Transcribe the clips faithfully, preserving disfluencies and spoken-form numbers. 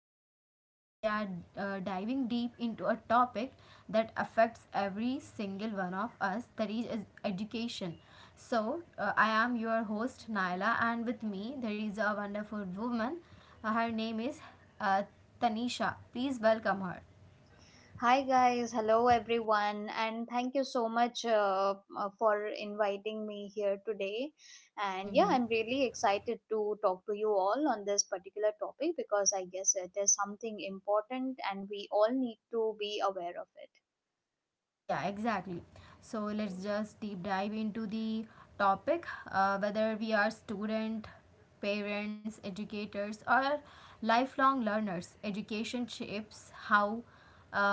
episode. We are uh, diving deep into a topic that affects every single one of us, that is education. So, uh, I am your host, Naila, and with me, there is a wonderful woman. Uh, her name is uh, Tanisha. Please welcome her. Hi guys, hello everyone, and thank you so much uh, uh, for inviting me here today. And yeah, Mm-hmm. I'm really excited to talk to you all on this particular topic because I guess it is something important and we all need to be aware of it. Yeah, exactly. So let's just deep dive into the topic, uh, whether we are student, parents, educators or lifelong learners, education shapes how,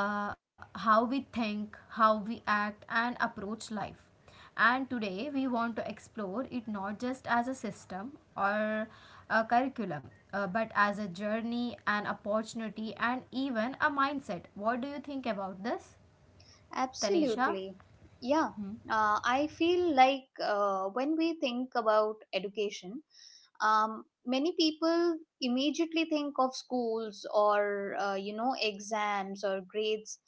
uh, how we think, how we act and approach life. And today we want to explore it not just as a system or a curriculum, uh, but as a journey, an opportunity, and even a mindset. What do you think about this, Tanisha? Absolutely. Yeah, uh, I feel like uh, when we think about education, um, many people immediately think of schools or uh, you know exams or grades,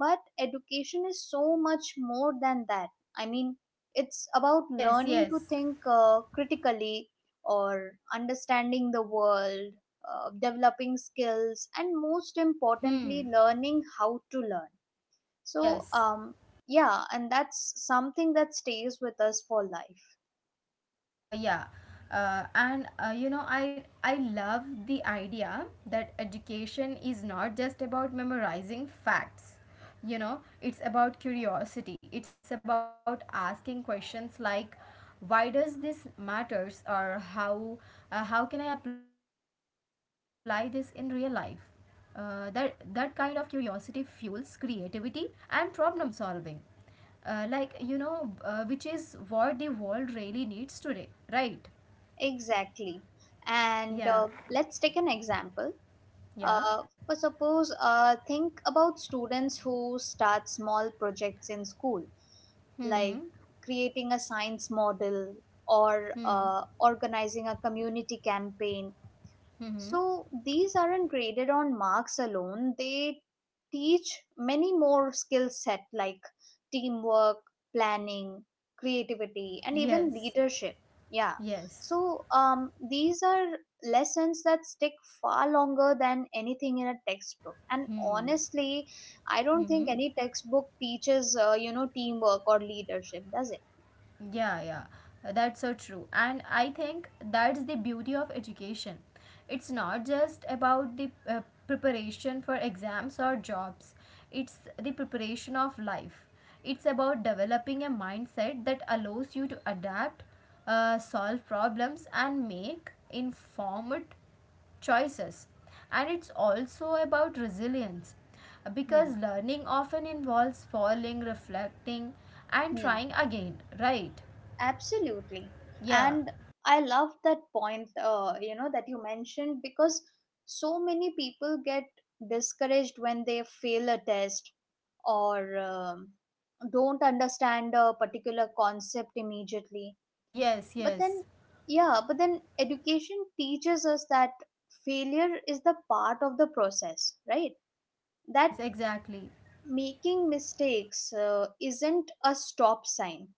but education is so much more than that. i mean it's about Yes, learning to yes. think uh, critically, or understanding the world, uh, developing skills, and most Hmm. importantly learning how to learn. so Yes. um, yeah, and that's something that stays with us for life. Uh, yeah. Uh, and uh, you know, I I love the idea that education is not just about memorizing facts. You know, it's about curiosity. It's about asking questions like, why does this matters, or how, uh, how can I apply this in real life? Uh, that that kind of curiosity fuels creativity and problem solving, uh, like, you know uh, which is what the world really needs today, right? Exactly. Yeah, And uh, let's take an example. yeah. Uh, for suppose, uh, think about students who start small projects in school, Mm-hmm. like creating a science model or Hmm. uh, organizing a community campaign. So these aren't graded on marks alone, they teach many more skill set like teamwork, planning, creativity, and even Yes, leadership. Yeah. yes. So um, these are lessons that stick far longer than anything in a textbook. And honestly, I don't think Mm-hmm. any textbook teaches uh, you know teamwork or leadership, does it? Yeah, yeah, that's so true. And I think that's the beauty of education. It's not just about the uh, preparation for exams or jobs, it's the preparation of life. It's about developing a mindset that allows you to adapt, uh, solve problems, and make informed choices, and it's also about resilience, Hmm. because learning often involves falling, reflecting and Hmm. trying again, right? Absolutely. Yeah. And I love that point, uh, you know, that you mentioned, because so many people get discouraged when they fail a test or um, don't understand a particular concept immediately. Yes, But then, yes, yeah, but then education teaches us that failure is the part of the process, right? That yes, exactly. making mistakes uh, isn't a stop sign,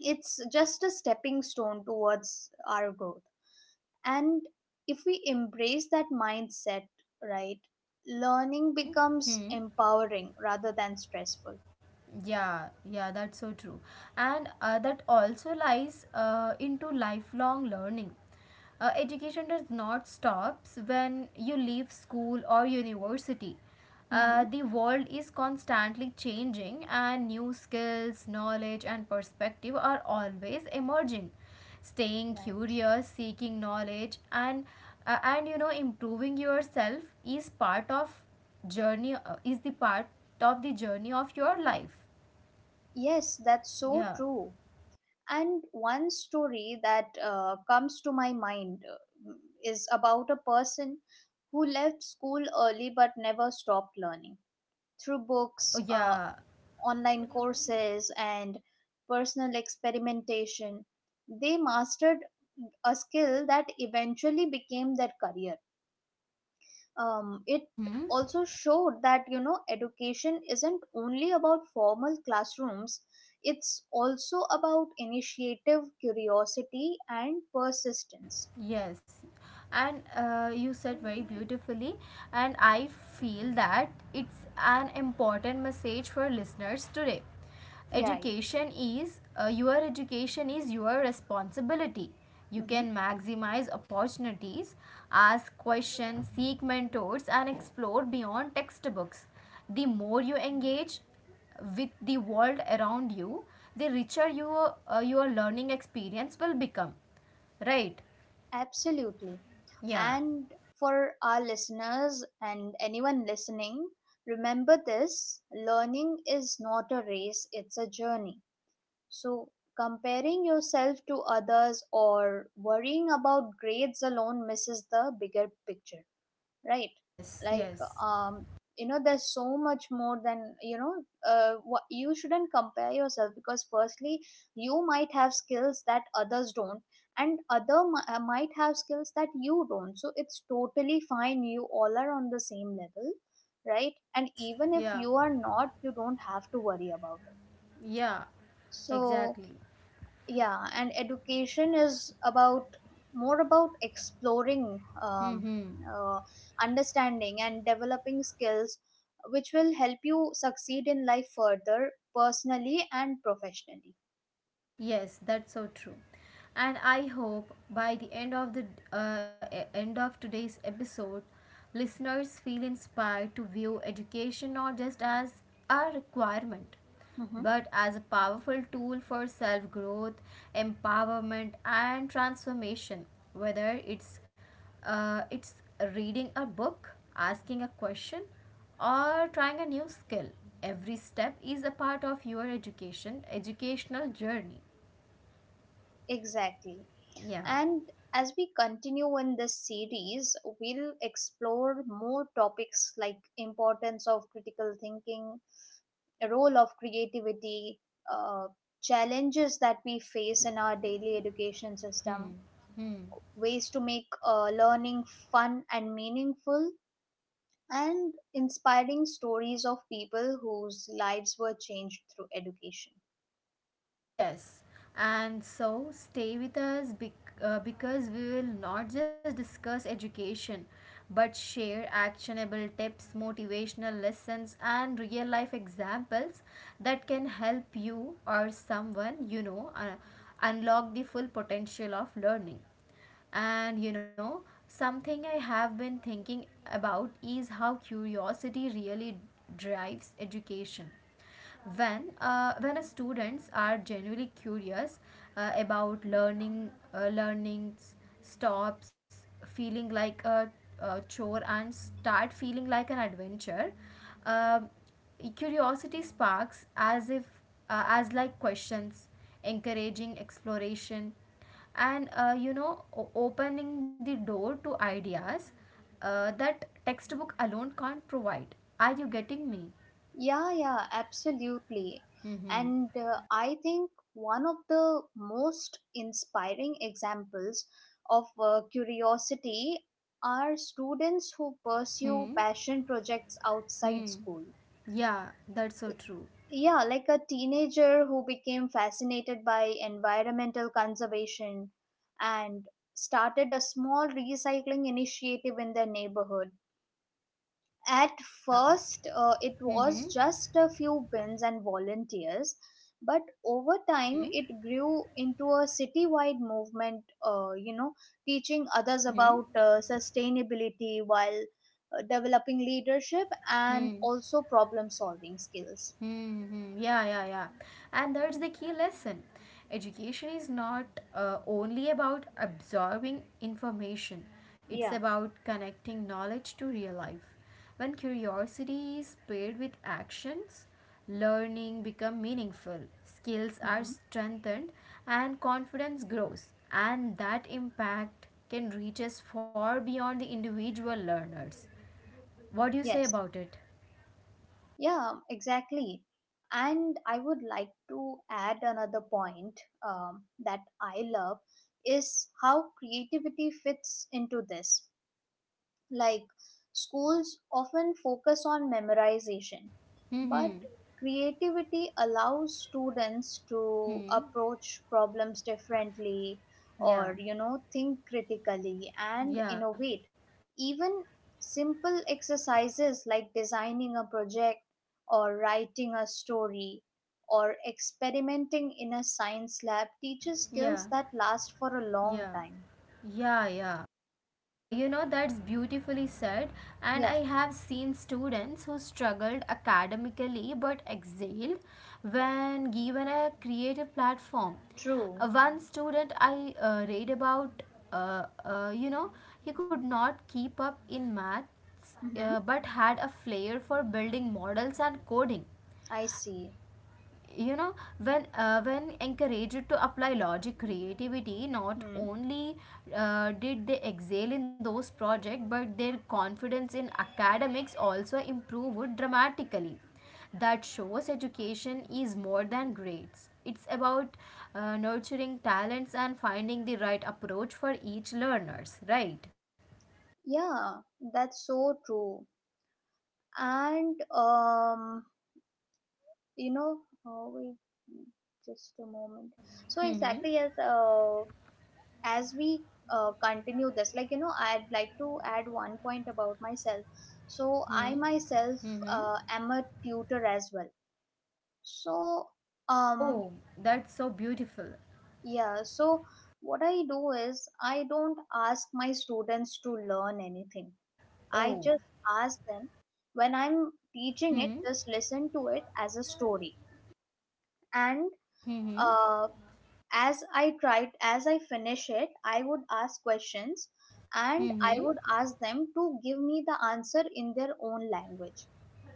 it's just a stepping stone towards our growth. And if we embrace that mindset, right, learning Hmm, becomes hmm. empowering rather than stressful. Yeah, yeah, that's so true. And uh, that also lies uh, into lifelong learning. Uh, education does not stops when you leave school or university. Hmm. Uh, the world is constantly changing and new skills, knowledge and perspective are always emerging. Staying Right. curious, seeking knowledge and, uh, and you know, improving yourself is part of journey, uh, is the part of the journey of your life. Yes, that's so Yeah. true. And one story that uh, comes to my mind uh, is about a person who left school early but never stopped learning through books, Uh, uh, yeah. online courses, and personal experimentation. They mastered a skill that eventually became their career. Um, it Mm-hmm. also showed that you know education isn't only about formal classrooms, it's also about initiative, curiosity, and persistence. Yes, and uh, you said very beautifully, and I feel that it's an important message for listeners today. Yeah, right. Education is uh, your education is your responsibility. You Mhm. can maximize opportunities, ask questions, seek mentors, and explore beyond textbooks. The more you engage with the world around you, the richer your, uh, your learning experience will become, right? Absolutely. Yeah. And for our listeners and anyone listening, remember this: learning is not a race, it's a journey. So, comparing yourself to others or worrying about grades alone misses the bigger picture, right? Yes. Like Yes. um you know there's so much more than you know uh, what. You shouldn't compare yourself, because firstly you might have skills that others don't, and other mi- uh, might have skills that you don't, so it's totally fine, you all are on the same level. Right, and Yes. even if Yeah. you are not, you don't have to worry about it. Yeah. So Exactly. yeah, and education is about more about exploring, Hmm. um, uh, understanding, and developing skills which will help you succeed in life further personally and professionally. Yes, that's so true. And I hope by the end of the, uh, e- end of today's episode, listeners feel inspired to view education not just as a requirement, Hmm. but as a powerful tool for self-growth, empowerment, and transformation. Whether it's, uh, it's reading a book, asking a question, or trying a new skill, every step is a part of your education educational journey. Exactly. Yeah. And as we continue in this series, we'll explore more topics like importance of critical thinking, role of creativity, uh, challenges that we face in our daily education Hmm. system, Hmm. ways to make uh, learning fun and meaningful, and inspiring stories of people whose lives were changed through education. Yes. And so stay with us, bec- uh, because we will not just discuss education but share actionable tips, motivational lessons, and real life examples that can help you or someone you know, uh, unlock the full potential of learning. And you know, something I have been thinking about is how curiosity really drives education. When, uh, when students are genuinely curious, uh, about learning, uh, learnings stops feeling like a, a chore and start feeling like an adventure. Um curiosity sparks as if, uh, as like questions, encouraging exploration and, uh, you know, o- opening the door to ideas, uh, that textbook alone can't provide. Are you getting me? Yeah, yeah, absolutely. Mm-hmm. And uh, I think one of the most inspiring examples of uh, curiosity are students who pursue Hmm. passion projects outside Hmm. school. Yeah, that's so true. Yeah, like a teenager who became fascinated by environmental conservation and started a small recycling initiative in their neighborhood. At Yeah. first, uh, it Mm-hmm. was just a few bins and volunteers, but over time, Hmm. it grew into a citywide movement, uh, you know, teaching others Hmm. Hmm. about uh, sustainability while uh, developing leadership and Hmm. also problem solving skills. Mm-hmm. Yeah, yeah, yeah. And that's the key lesson. Education is not, uh, only about absorbing information, it's Yeah. about connecting knowledge to real life. When curiosity is paired with actions, learning become meaningful, skills are Mm-hmm. strengthened, and confidence grows. And that impact can reach us far beyond the individual learners. What do you say Yes, about it? yeah, exactly. And I would like to add another point um, that I love is how creativity fits into this. Like schools often focus on memorization, but Mm-hmm. creativity allows students to Hmm. approach problems differently or Yeah. you know think critically and Yeah, innovate. Even simple exercises like designing a project or writing a story or experimenting in a science lab teaches yeah, skills that last for a long yeah. time. Yeah, yeah. Uh, you know, that's beautifully said. And Yeah, I have seen students who struggled academically but excelled when given a creative platform. true. Uh, one student I uh, read about, uh, uh, you know, he could not keep up in maths, Mm-hmm. uh, but had a flair for building models and coding. I see. You know, when, uh, when encouraged to apply logic creativity, not Hmm. only uh, did they excel in those projects, but their confidence in academics also improved dramatically. That shows education is more than grades, it's about, uh, nurturing talents and finding the right approach for each learners, right? Yeah, that's so true. And um, you know, oh, wait, mm, just a moment. So Hmm, exactly as uh, as we uh, continue this, like you know, I'd like to add one point about myself. So hmm, I myself hmm. uh, am a tutor as well. So um, Oh, that's so beautiful. yeah. So what I do is I don't ask my students to learn anything. I Oh. just ask them, when I'm teaching it, Hmm, just listen to it as a story. And hmm, uh, as I tried, as I finish it, I would ask questions, and hmm. I would ask them to give me the answer in their own language.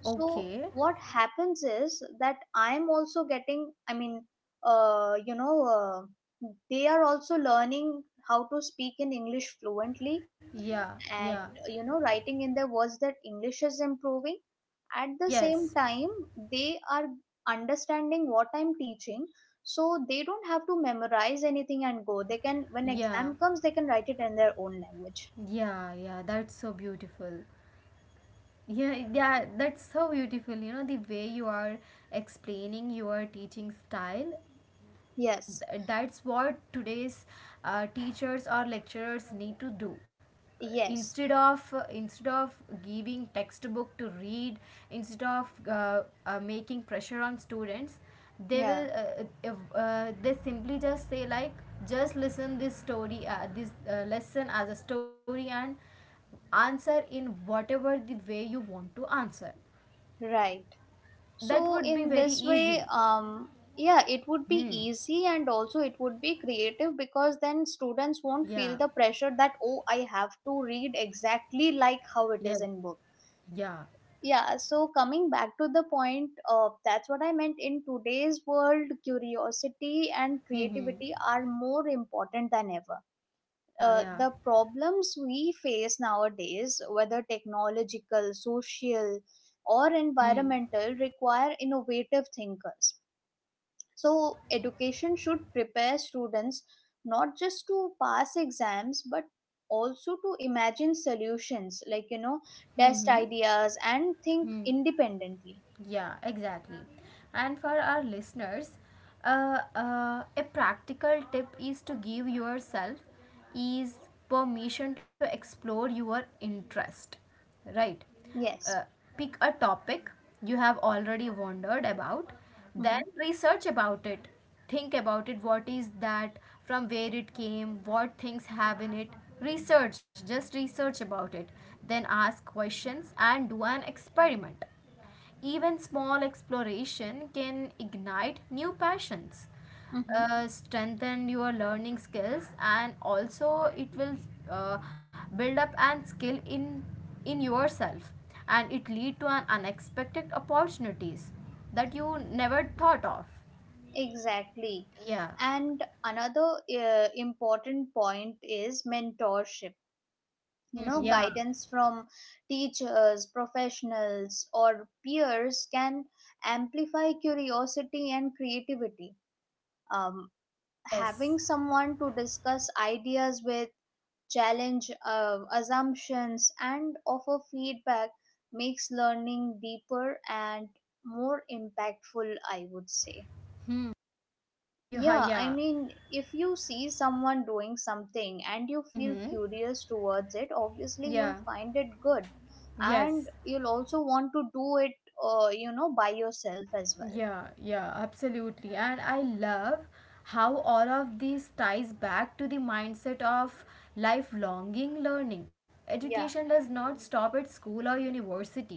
So, Okay. what happens is that I'm also getting, I mean, uh, you know, uh, they are also learning how to speak in English fluently, Yeah, and yeah. you know writing in there was that English is improving. At the same Yes. time, they are understanding what I'm teaching, so they don't have to memorize anything and go, they can, when Yeah. exam comes, they can write it in their own language. Yeah, yeah. That's so beautiful. Yeah, yeah, that's so beautiful. You know, the way you are explaining your teaching style, Yes, that's what today's, uh, teachers or lecturers need to do. Uh, yes, Instead of uh, instead of giving textbook to read, instead of, uh, uh, making pressure on students, they yeah, will, uh, uh, if, uh, they simply just say like, just listen this story, uh, this, uh, lesson as a story and answer in whatever the way you want to answer. right. That So would be in very this way, easy. um yeah it would be Hmm. easy, and also it would be creative, because then students won't Yeah, feel the pressure that, oh, I have to read exactly like yeah, how it is in book. yeah. Yeah, so coming back to the point, uh, that's what I meant. In today's world, curiosity and Hmm, hmm. creativity are more important than ever. Yeah, Uh, yeah. The problems we face nowadays, whether technological, social, or Mm-hmm. environmental, require innovative thinkers. So, education should prepare students not just to pass exams but also to imagine solutions, like you know, test Mm-hmm. ideas and think independently. Yeah, exactly. And for our listeners, uh, uh, a practical tip is to give yourself is permission to explore your interest, right? Uh, Yes. pick a topic you have already wondered about, Mm-hmm. then research about it. Think about it. What is that? From where it came? What things have in it? Research. Just research about it. Then ask questions and do an experiment. Even small exploration can ignite new passions, Mm-hmm. uh, strengthen your learning skills, and also it will, uh, build up and skill in in yourself, and it lead to an unexpected opportunities that you never thought of. Exactly. Yeah. And another uh, important point is mentorship. You Mm-hmm. know, Yeah. guidance from teachers, professionals, or peers can amplify curiosity and creativity. um, Yes. Having someone to discuss ideas with, challenge uh, assumptions, and offer feedback makes learning deeper and more impactful, I would say. Hmm. You ha. Yeah, I Yeah. mean, if you see someone doing something and you feel Mm-hmm. curious towards it, obviously Yeah. you'll find it good, Yes. and you'll also want to do it, uh, you know, by yourself as well. Yeah, yeah, absolutely. And I love how all of this ties back to the mindset of lifelonging learning. Education Yeah, does not stop at school or university,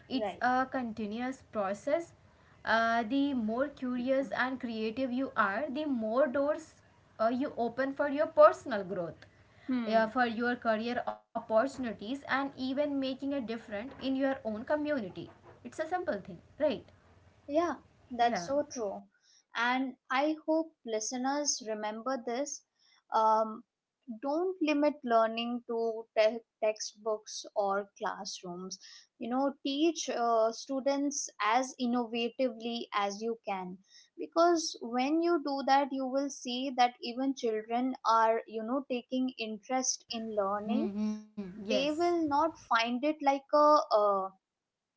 it's right. a continuous process. Uh, the more curious and creative you are, the more doors, uh, you open for your personal growth, uh, Hmm. for your career opportunities, and even making a difference in your own community. It's a simple thing, right? Yeah, that's Yeah. so true. And I hope listeners remember this. Um, don't limit learning to te- textbooks or classrooms. You know, teach uh, students as innovatively as you can. Because when you do that, you will see that even children are, you know, taking interest in learning. Hmm. Hmm. Yes. They will not find it like a, uh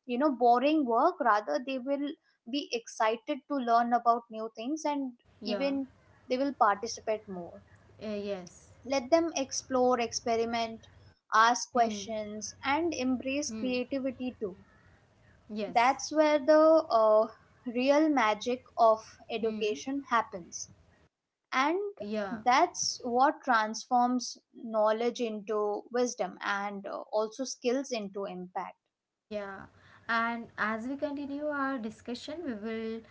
you know, boring work, rather they will be excited to learn about new things, and Yeah. even they will participate more. Eh, yes. Let them explore, experiment, Hmm. ask questions, and Hmm. embrace creativity too. Yes. That's where the uh, real magic of Hmm. education happens, and Yeah. that's what transforms knowledge into wisdom, and uh, also skills into impact. Yeah, and as we continue our discussion, we will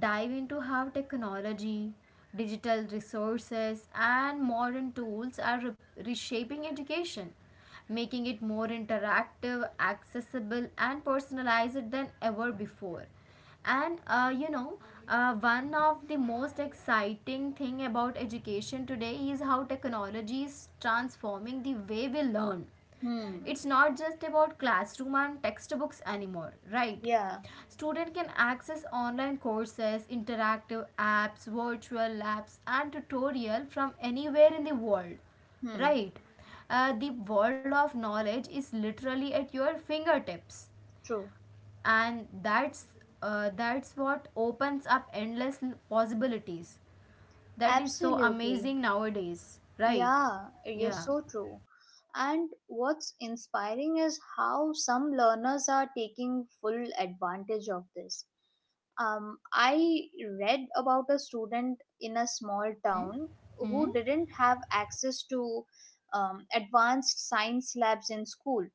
dive into how technology, digital resources, and modern tools are re- reshaping education, making it more interactive, accessible, and personalized than ever before. And uh, you know, uh, one of the most exciting thing about education today is how technology is transforming the way we learn. Hmm. It's not just about classroom and textbooks anymore, right? Yeah. Student can access online courses, interactive apps, virtual labs and tutorial from anywhere in the world, Hmm. right? Uh, the world of knowledge is literally at your fingertips, True. and that's, uh, that's what opens up endless l- possibilities, that is so Absolutely. amazing nowadays, right? Yeah, you're Yeah. so true. And what's inspiring is how some learners are taking full advantage of this. Um, I read about a student in a small Mm-hmm. town who Mm-hmm. didn't have access to um, advanced science labs in school.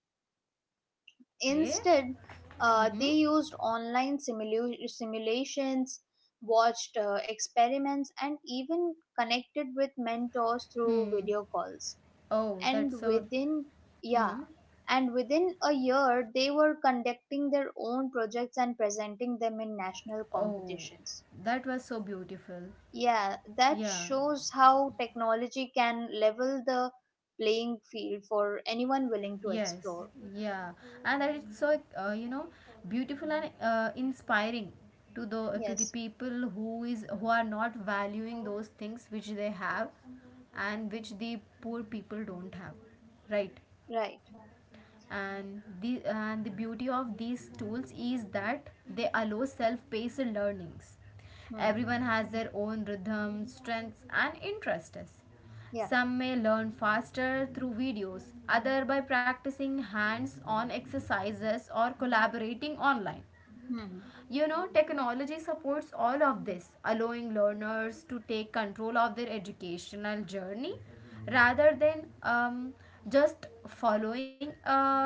Okay. Instead, uh, they Mm-hmm. used online simulu- simulations, watched uh, experiments, and even connected with mentors through Hmm. video calls. Oh, that's And so. within, yeah, Hmm. and within a year, they were conducting their own projects and presenting them in national Oh, competitions. that was so beautiful. Yeah, that Yeah. shows how technology can level the playing field for anyone willing to Yes. explore. Yeah. And that it's so, uh, you know, beautiful and, uh, inspiring to the, to the Yes, people who is, who are not valuing those things which they have, and which the poor people don't have. Right. right. And the, and the beauty of these tools is that they allow self-paced learnings. Hmm. Everyone has their own rhythm, strengths and interests. Yeah. Some may learn faster through videos, others by practicing hands-on exercises or collaborating online. Hmm. You know, technology supports all of this, allowing learners to take control of their educational journey rather than, um, just following a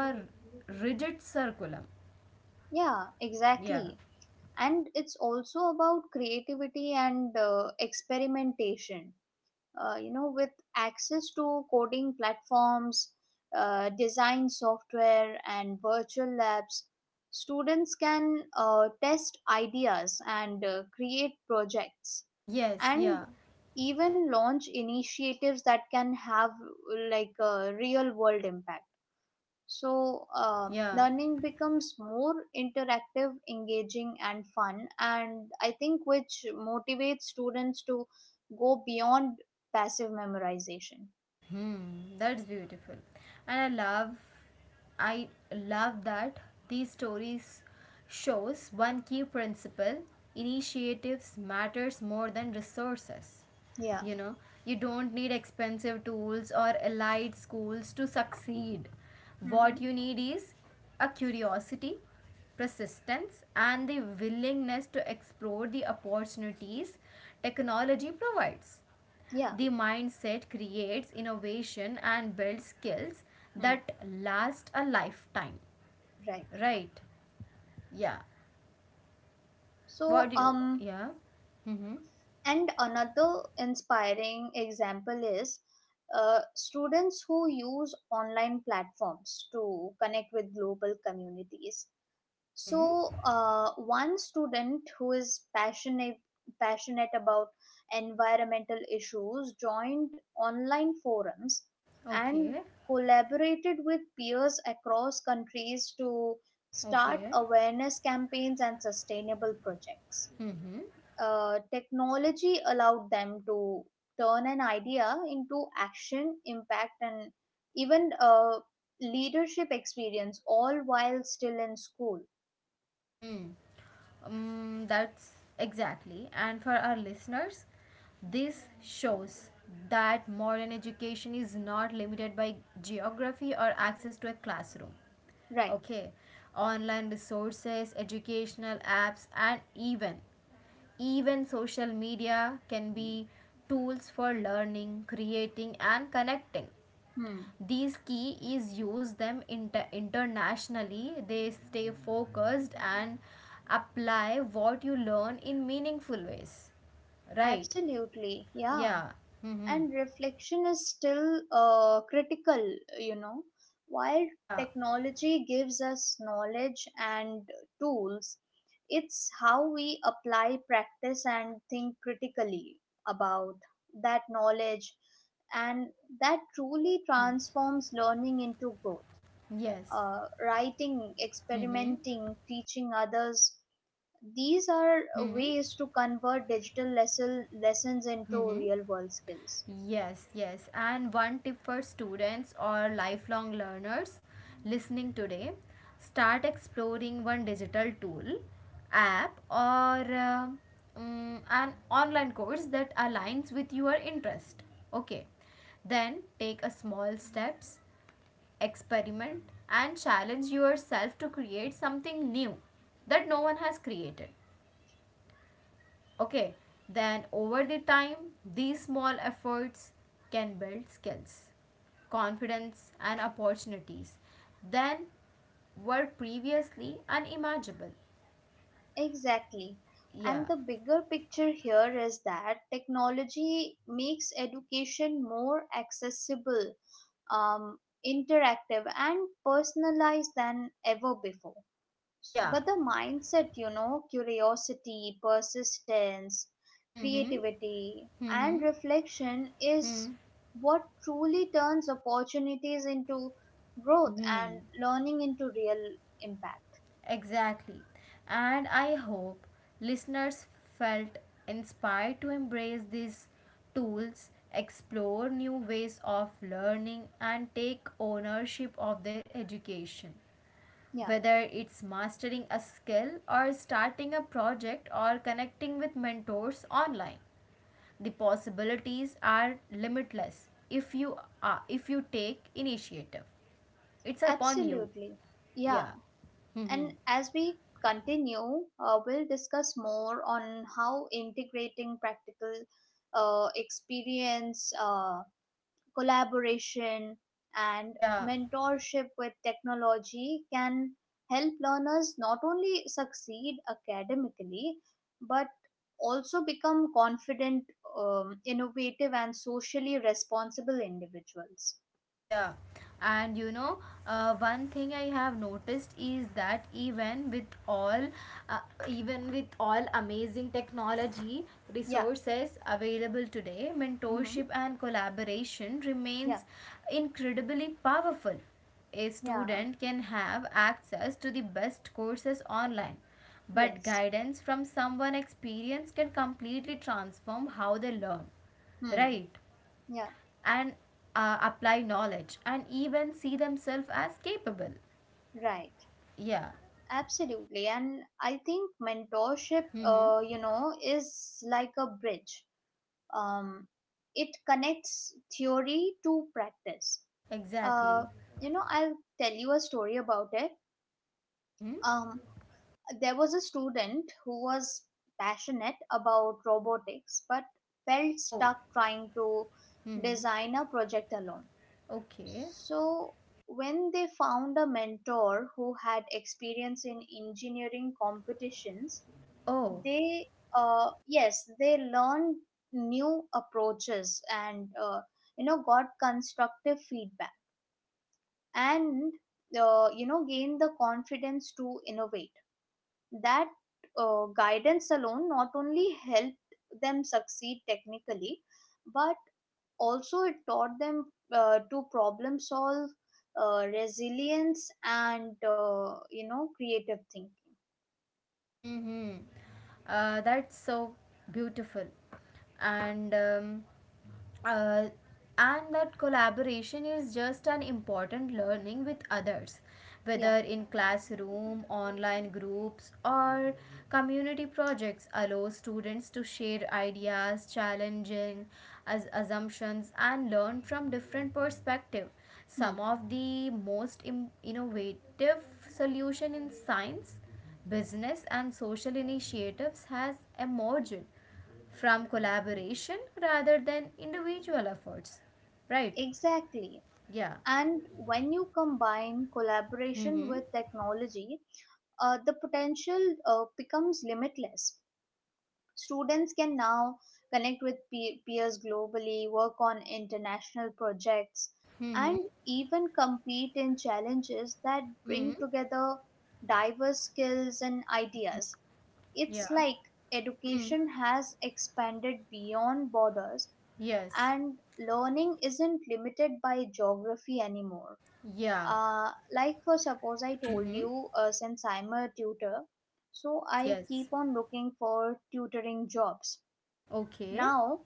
rigid curriculum. Yeah, Yeah. exactly. And it's also about creativity and uh, experimentation. Uh, you know, with access to coding platforms, uh, design software, and virtual labs, students can uh, test ideas and uh, create projects, Yes, and yeah, even launch initiatives that can have like a real world impact. So, uh, yeah. learning becomes more interactive, engaging, and fun, and I think which motivates students to go beyond passive memorization. Hmm, that's beautiful. And I love, I love that these stories shows one key principle, initiatives matters more than resources. Yeah. You know, you don't need expensive tools or elite schools to succeed. Mm-hmm. What you need is a curiosity, persistence and the willingness to explore the opportunities technology provides. Yeah, The mindset creates innovation and builds skills hmm, that last a lifetime. right. Right? Yeah. What So, do you? um, Yeah. and another inspiring example is uh, students who use online platforms to connect with global communities. So, Mm-hmm. uh, one student who is passionate passionate about environmental issues joined online forums and Okay. collaborated with peers across countries to start Okay. awareness campaigns and sustainable projects. Mm-hmm. Uh, technology allowed them to turn an idea into action, impact, and even uh, leadership experience, all while still in school. Mm-hmm. Um, that's exactly. And for our listeners, this shows that modern education is not limited by geography or access to a classroom. Right. Okay, online resources, educational apps, and even even social media can be tools for learning, creating, and connecting. Hmm, These key is use them inter- internationally, they stay focused and apply what you learn in meaningful ways, right? absolutely, yeah. Yeah. Mm-hmm. And reflection is still uh, critical, you know. While Yeah. technology gives us knowledge and tools, it's how we apply, practice, and think critically about that knowledge, and that truly transforms learning into growth. Yes. Uh, Writing, experimenting, teaching others: these are Mm-hmm. ways to convert digital lesson, lessons into Mm-hmm. real world skills. Yes, yes. And one tip for students or lifelong learners listening today, start exploring one digital tool, app, or, uh, mm, an online course that aligns with your interest. Okay. Then take a small steps, experiment, and challenge yourself to create something new that no one has created. Okay, then over the time, these small efforts can build skills, confidence, and opportunities then were previously unimaginable. Exactly. Yeah, And the bigger picture here is that technology makes education more accessible, um, interactive, and personalized than ever before. yeah. But the mindset, you know, curiosity, persistence, Hmm, hmm, creativity, hmm, and reflection is hmm, hmm. what truly turns opportunities into growth and Hmm. learning into real impact. Exactly. And I hope listeners felt inspired to embrace these tools, explore new ways of learning, and take ownership of their education. Yeah, Whether it's mastering a skill or starting a project or connecting with mentors online, the possibilities are limitless if you are, if you take initiative. It's upon you. absolutely, yeah. Yeah. And as we continue, uh, we'll discuss more on how integrating practical uh, experience, uh, collaboration, and Yeah. mentorship with technology can help learners not only succeed academically but also become confident, um, innovative, and socially responsible individuals. Yeah, and you know, uh, one thing I have noticed is that even with all, uh, even with all amazing technology Yeah. resources available today, Mm-hmm. mentorship and collaboration Yeah. remains incredibly powerful. A Yeah. student can have access to the best courses online, but Yes. guidance from someone experienced can completely transform how they learn, Hmm. right, Yeah. and uh, apply knowledge and even see themselves as capable. Right. Yeah. Absolutely. And I think mentorship, Mm-hmm. uh, you know, is like a bridge um, it connects theory to practice. Uh, Exactly. you know, I'll tell you a story about it. Mm-hmm. Um, there was a student who was passionate about robotics but felt Oh. stuck trying to Mm-hmm. design a project alone. Okay. So, when they found a mentor who had experience in engineering competitions, Oh. they, uh, yes, they learned new approaches and uh, you know got constructive feedback, and uh, you know gained the confidence to innovate. That uh, guidance alone not only helped them succeed technically but also it taught them uh, to problem solve, uh, resilience, and uh, you know creative thinking. Mm-hmm. Uh, that's so beautiful. And um, uh, and that collaboration is just an important learning with others, Yeah. whether in classroom, online groups, or community projects allow students to share ideas, challenging as assumptions, and learn from different perspective. Some Hmm. of the most im- innovative solution in science, business and social initiatives has emerged from collaboration rather than individual efforts. Right? Exactly. Yeah. And when you combine collaboration Mm-hmm. with technology, uh, the potential uh, becomes limitless. Students can now connect with pe- peers globally, work on international projects, Mm-hmm. and even compete in challenges that bring Mm-hmm. together diverse skills and ideas. Yeah. It's like Mm. education has expanded beyond borders, Yes. and learning isn't limited by geography anymore. Yeah. Uh, like for suppose I told Mm-hmm. you, uh, since I'm a tutor, so Yes, I yes. keep on looking for tutoring jobs. Okay. Now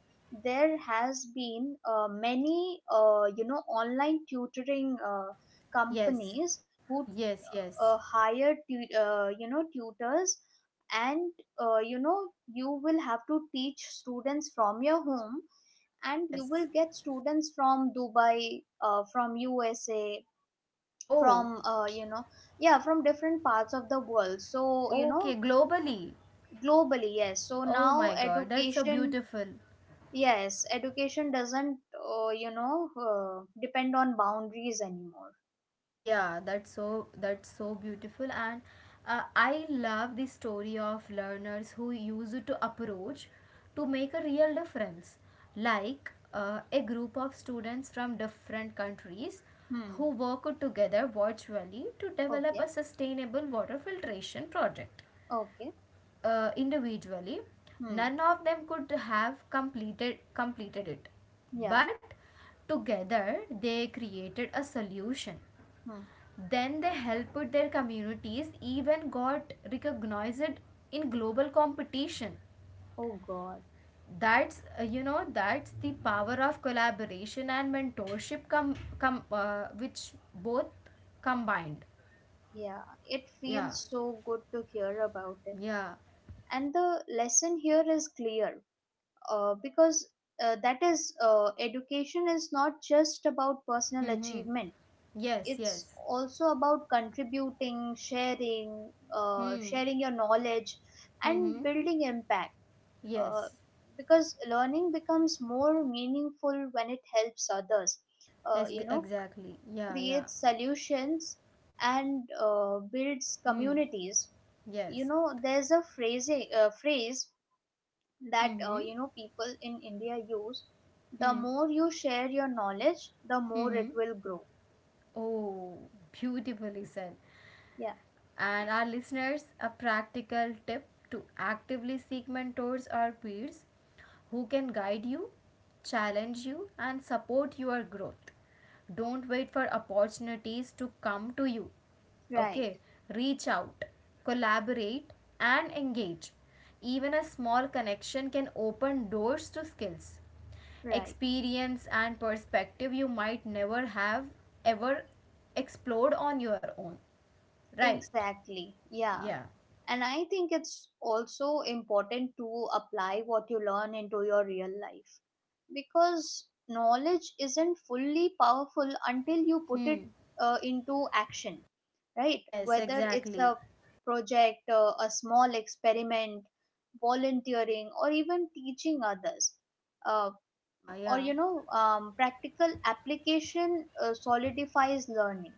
there has been uh, many uh, you know online tutoring uh, Yes. companies who Yes, yes. uh, hire tu- uh, you know tutors, and uh, you know you will have to teach students from your home, and you Yes. will get students from Dubai, uh, from USA, Oh, from, uh, you know yeah, from different parts of the world. So you okay. know Globally. globally. Yes, so Oh now my God. That's so education, beautiful. yes, education doesn't uh, you know uh, depend on boundaries anymore. Yeah, that's so that's so beautiful, and uh, I love the story of learners who use it to approach to make a real difference. Like uh, a group of students from different countries who Hmm. work together virtually to develop Okay. a sustainable water filtration project. Okay. Uh, individually, Hmm. none of them could have completed completed it, Yeah. but together they created a solution, Hmm. then they helped their communities, even got recognized in global competition. Oh God. That's uh, you know that's the power of collaboration and mentorship com, com uh, which both combined. Yeah, it Yeah, feels so good to hear about it. yeah. And the lesson here is clear, uh, because, uh, that is, uh, education is not just about personal Mm-hmm. achievement. Yes, It's yes. also about contributing, sharing uh, Hmm. sharing your knowledge, and Mm-hmm. building impact, uh, Yes. because learning becomes more meaningful when it helps others, uh, Yes. you g- know Exactly. Yeah. Yeah. creates solutions, and uh, builds Hmm. communities. You Yes. know there's a phrase, uh, phrase that uh, Mm-hmm. you know people in India use. The Hmm. more you share your knowledge, the more it Mm-hmm. will grow. Oh, beautifully said. Yeah. And our listeners, a practical tip to actively seek mentors or peers who can guide you, challenge you, and support your growth. Don't wait for opportunities to come to you. Right. Okay, reach out, collaborate, and engage. Even a small connection can open doors to skills, Right. experience, and perspective you might never have ever explored on your own. Right? Exactly. Yeah. Yeah. And I think it's also important to apply what you learn into your real life, because knowledge isn't fully powerful until you put it Hmm. uh, into action, right? Yes, Whether it's exactly. a project, uh, a small experiment, volunteering, or even teaching others. Uh, Yeah, or, yeah. you know, um, practical application uh, solidifies learning,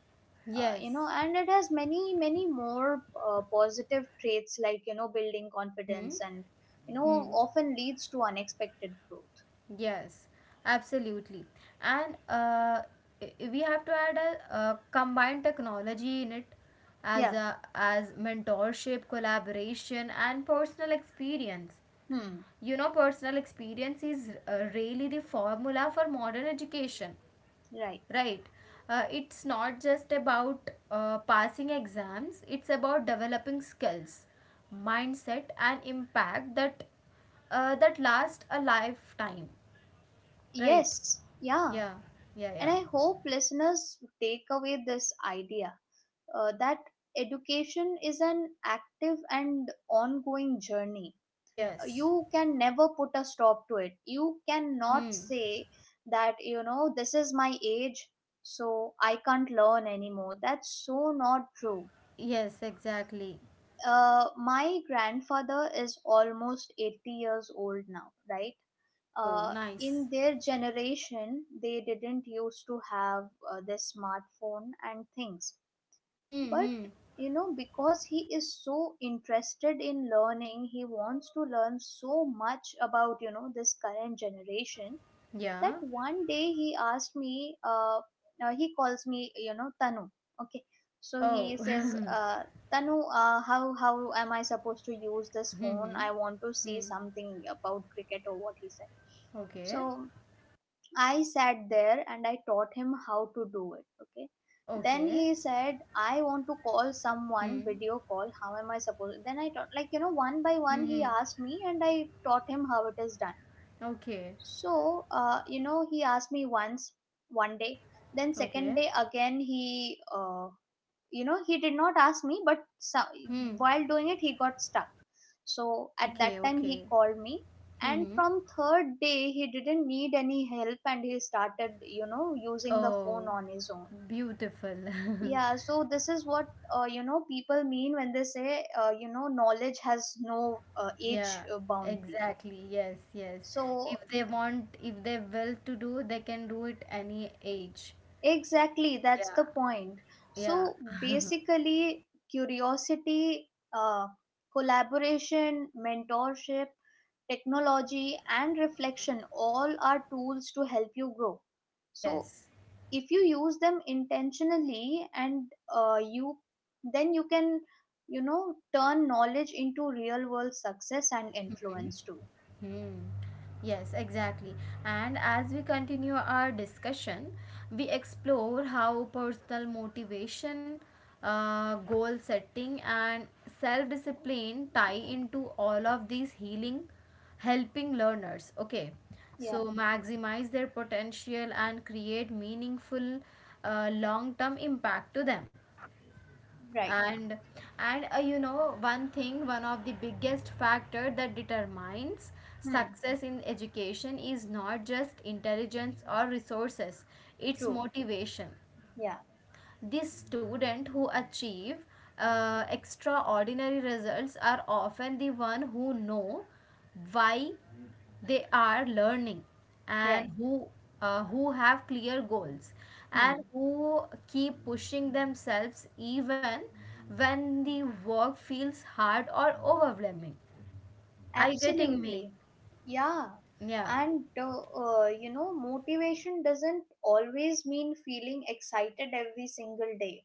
uh, you Yes. know and it has many many more uh, positive traits like you know building Mm-hmm. confidence, and you know Hmm. often leads to unexpected growth. Yes, absolutely. And uh, i- we have to add a, uh combined technology in it as Yeah. a as mentorship, collaboration, and personal experience. Hmm. You know, personal experience is uh, really the formula for modern education. Right. Right. Uh, it's not just about uh, passing exams, it's about developing skills, mindset, and impact that uh, that last a lifetime. Right. Yes. Yeah. Yeah. Yeah. And Yeah. I hope listeners take away this idea, uh, that education is an active and ongoing journey. Yes. You can never put a stop to it, you cannot Mm-hmm. say that, you know this is my age so I can't learn anymore. That's so not true. Yes, exactly. uh, my grandfather is almost eighty years old now, right? Oh, uh, nice. in their generation they didn't used to have uh, this smartphone and things, but Hmm. you know because he is so interested in learning, he wants to learn so much about you know this current generation. That Yeah. one day he asked me, uh, uh he calls me you know Tanu, okay. So he Oh. says, uh Tanu, uh, how how am I supposed to use this phone? Hmm. I want to see Hmm. something about cricket, or what, he said. So Okay. I sat there and I taught him how to do it. Okay. Then Okay. he said, I want to call someone Hmm. video call. How am I supposed to? Then I taught, like, you know, one by one, Hmm. he Hmm. asked me and I taught him how it is done. Okay. So, uh, you know, he asked me once, one day. Then, second Okay. day, again, he uh, you know he did not ask me but so, Hmm. while doing it he got stuck, so at that Okay. time he Okay. called me, and Mm-hmm. from third day he didn't need any help and he started you know using the phone Oh, on his own. beautiful. Yeah, so this is what uh, you know people mean when they say, uh, you know knowledge has no uh, age Yeah, uh, boundary. exactly. Yes, yes. So If they want, if they will to do, they can do it any age. exactly, that's the Yeah, point. yeah. So basically, curiosity, uh, collaboration, mentorship, technology, and reflection all are tools to help you grow. So Yes. if you use them intentionally, and uh, you then you can, you know, turn knowledge into real world success and influence too. Hmm. Yes, exactly. And as we continue our discussion, we explore how personal motivation, uh, goal setting, and self discipline tie into all of these healing, helping learners. Okay, Yeah, so maximize their potential and create meaningful, uh, long term impact to them. right. And and uh, you know one thing one of the biggest factor that determines Hmm, success in education is not just intelligence or resources, it's true. motivation. Yeah, These students who achieve uh, extraordinary results are often the one who know why they are learning right. and who uh, who have clear goals and Hmm. who keep pushing themselves even when the work feels hard or overwhelming. Are you getting me? Absolutely. Yeah. Yeah. And uh, uh, you know, motivation doesn't always mean feeling excited every single day.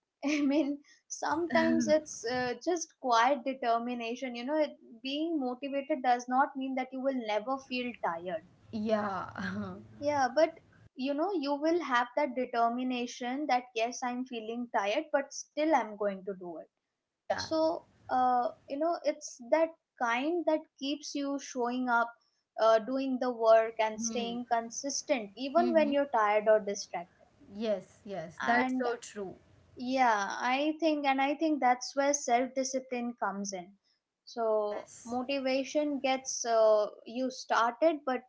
I mean, Yes. sometimes it's uh, just quiet determination. You know, it, being motivated does not mean that you will never feel tired. Yeah. Yeah, but you know, you will have that determination that, yes, I'm feeling tired, but still I'm going to do it. Yeah. So uh, you know it's that kind that keeps you showing up, uh, doing the work and Hmm. staying consistent even when Hmm. you're tired or distracted. Yes. Yes. That's And, so true. yeah, i think and i think that's where self discipline comes in. So Yes. motivation gets uh, you started, but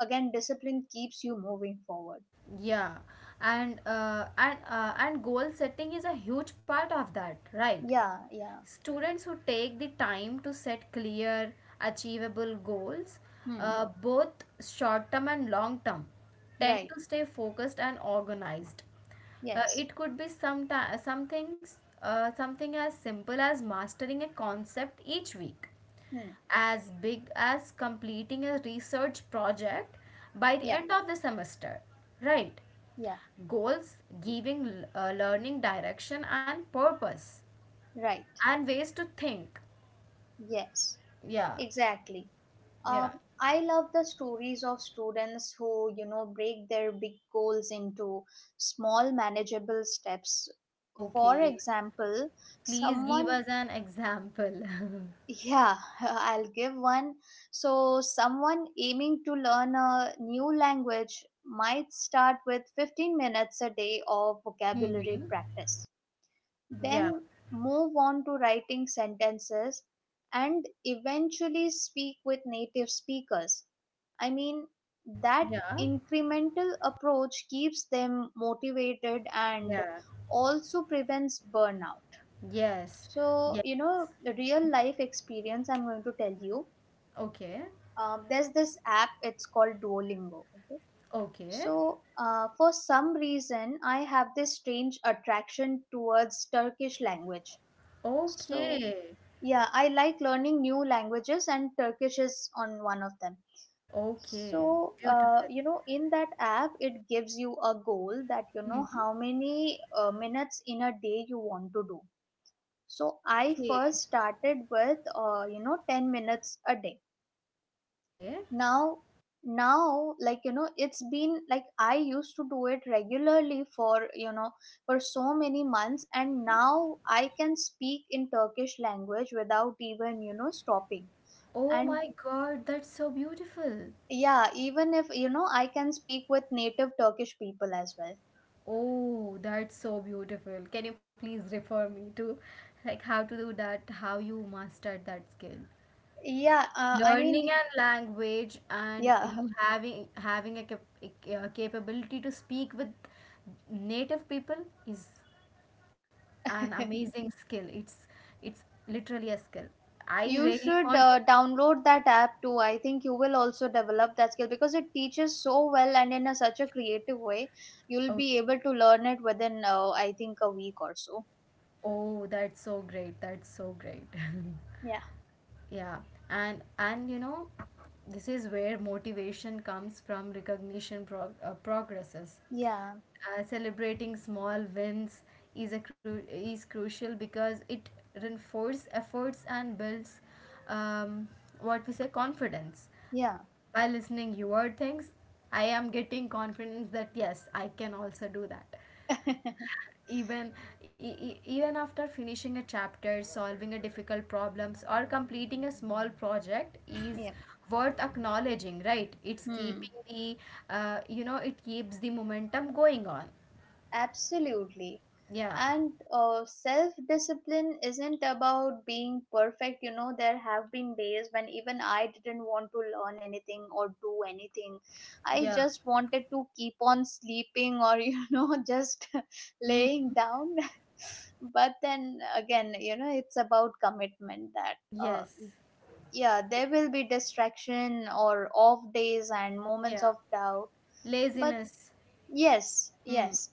again discipline keeps you moving forward. Yeah. And uh, and uh, and goal setting is a huge part of that, right? Yeah. Yeah. Students who take the time to set clear, achievable goals, Hmm. uh, both short term and long term, tend Right. to stay focused and organized. Uh, yes. it could be some, ti- some things, uh, something as simple as mastering a concept each week, Hmm. as big as completing a research project by the Yeah. end of the semester, right? Yeah. Goals giving uh, learning direction and purpose Right. and ways to think. Yes. Yeah, Exactly. Um, yeah. I love the stories of students who, you know, break their big goals into small manageable steps. For Okay. example, Please give someone, us an example. yeah, I'll give one. So, someone aiming to learn a new language might start with fifteen minutes a day of vocabulary Hmm. practice, Yeah, then move on to writing sentences and eventually speak with native speakers. I mean, that yeah, incremental approach keeps them motivated and yeah. also prevents burnout. Yes, yeah. So, you know, the real life experience I'm going to tell you. Okay, Um, there's this app, it's called Duolingo. Okay. okay, So, uh, for some reason, I have this strange attraction towards Turkish language. So, okay, yeah, I like learning new languages, and Turkish is on one of them. okay. So, uh, Beautiful. you know, in that app, it gives you a goal that you know Hmm. how many uh, minutes in a day you want to do. So, I Okay, first started with, uh, you know, ten minutes a day. okay. Now, now, like, you know, it's been like I used to do it regularly for, you know, for so many months, and now I can speak in Turkish language without even, you know, stopping. Oh And my God, that's so beautiful. yeah, even if you know, I can speak with native Turkish people as well. Oh, that's so beautiful. Can you please refer me to like how to do that, how you mastered that skill? Yeah, uh, I Learning mean, a language and yeah. you having having a, cap- a capability to speak with native people is an amazing skill, it's it's literally a skill I You really should want uh, to. download that app too. I think you will also develop that skill because it teaches so well and in a, such a creative way. You'll be Okay, able to learn it within, uh, I think, a week or so. oh that's so great, that's so great. Yeah, Yeah. and and you know, this is where motivation comes from, recognition, prog- uh, progresses, yeah, uh, celebrating small wins is a cru- is crucial because it reinforces efforts and builds um, what we say confidence. yeah, By listening your things I am getting confidence that yes I can also do that, even e- e- even after finishing a chapter, solving a difficult problems or completing a small project is yeah. worth acknowledging, right? It's Hmm. keeping the, uh, you know it keeps the momentum going on. Absolutely. Yeah, And uh, self discipline isn't about being perfect. You know, there have been days when even I didn't want to learn anything or do anything. I yeah. just wanted to keep on sleeping or, you know, just Hmm. laying down. But then again, you know, it's about commitment that, uh, Yes, yeah, there will be distraction or off days and moments yeah. of doubt. But Laziness. yes, Hmm. yes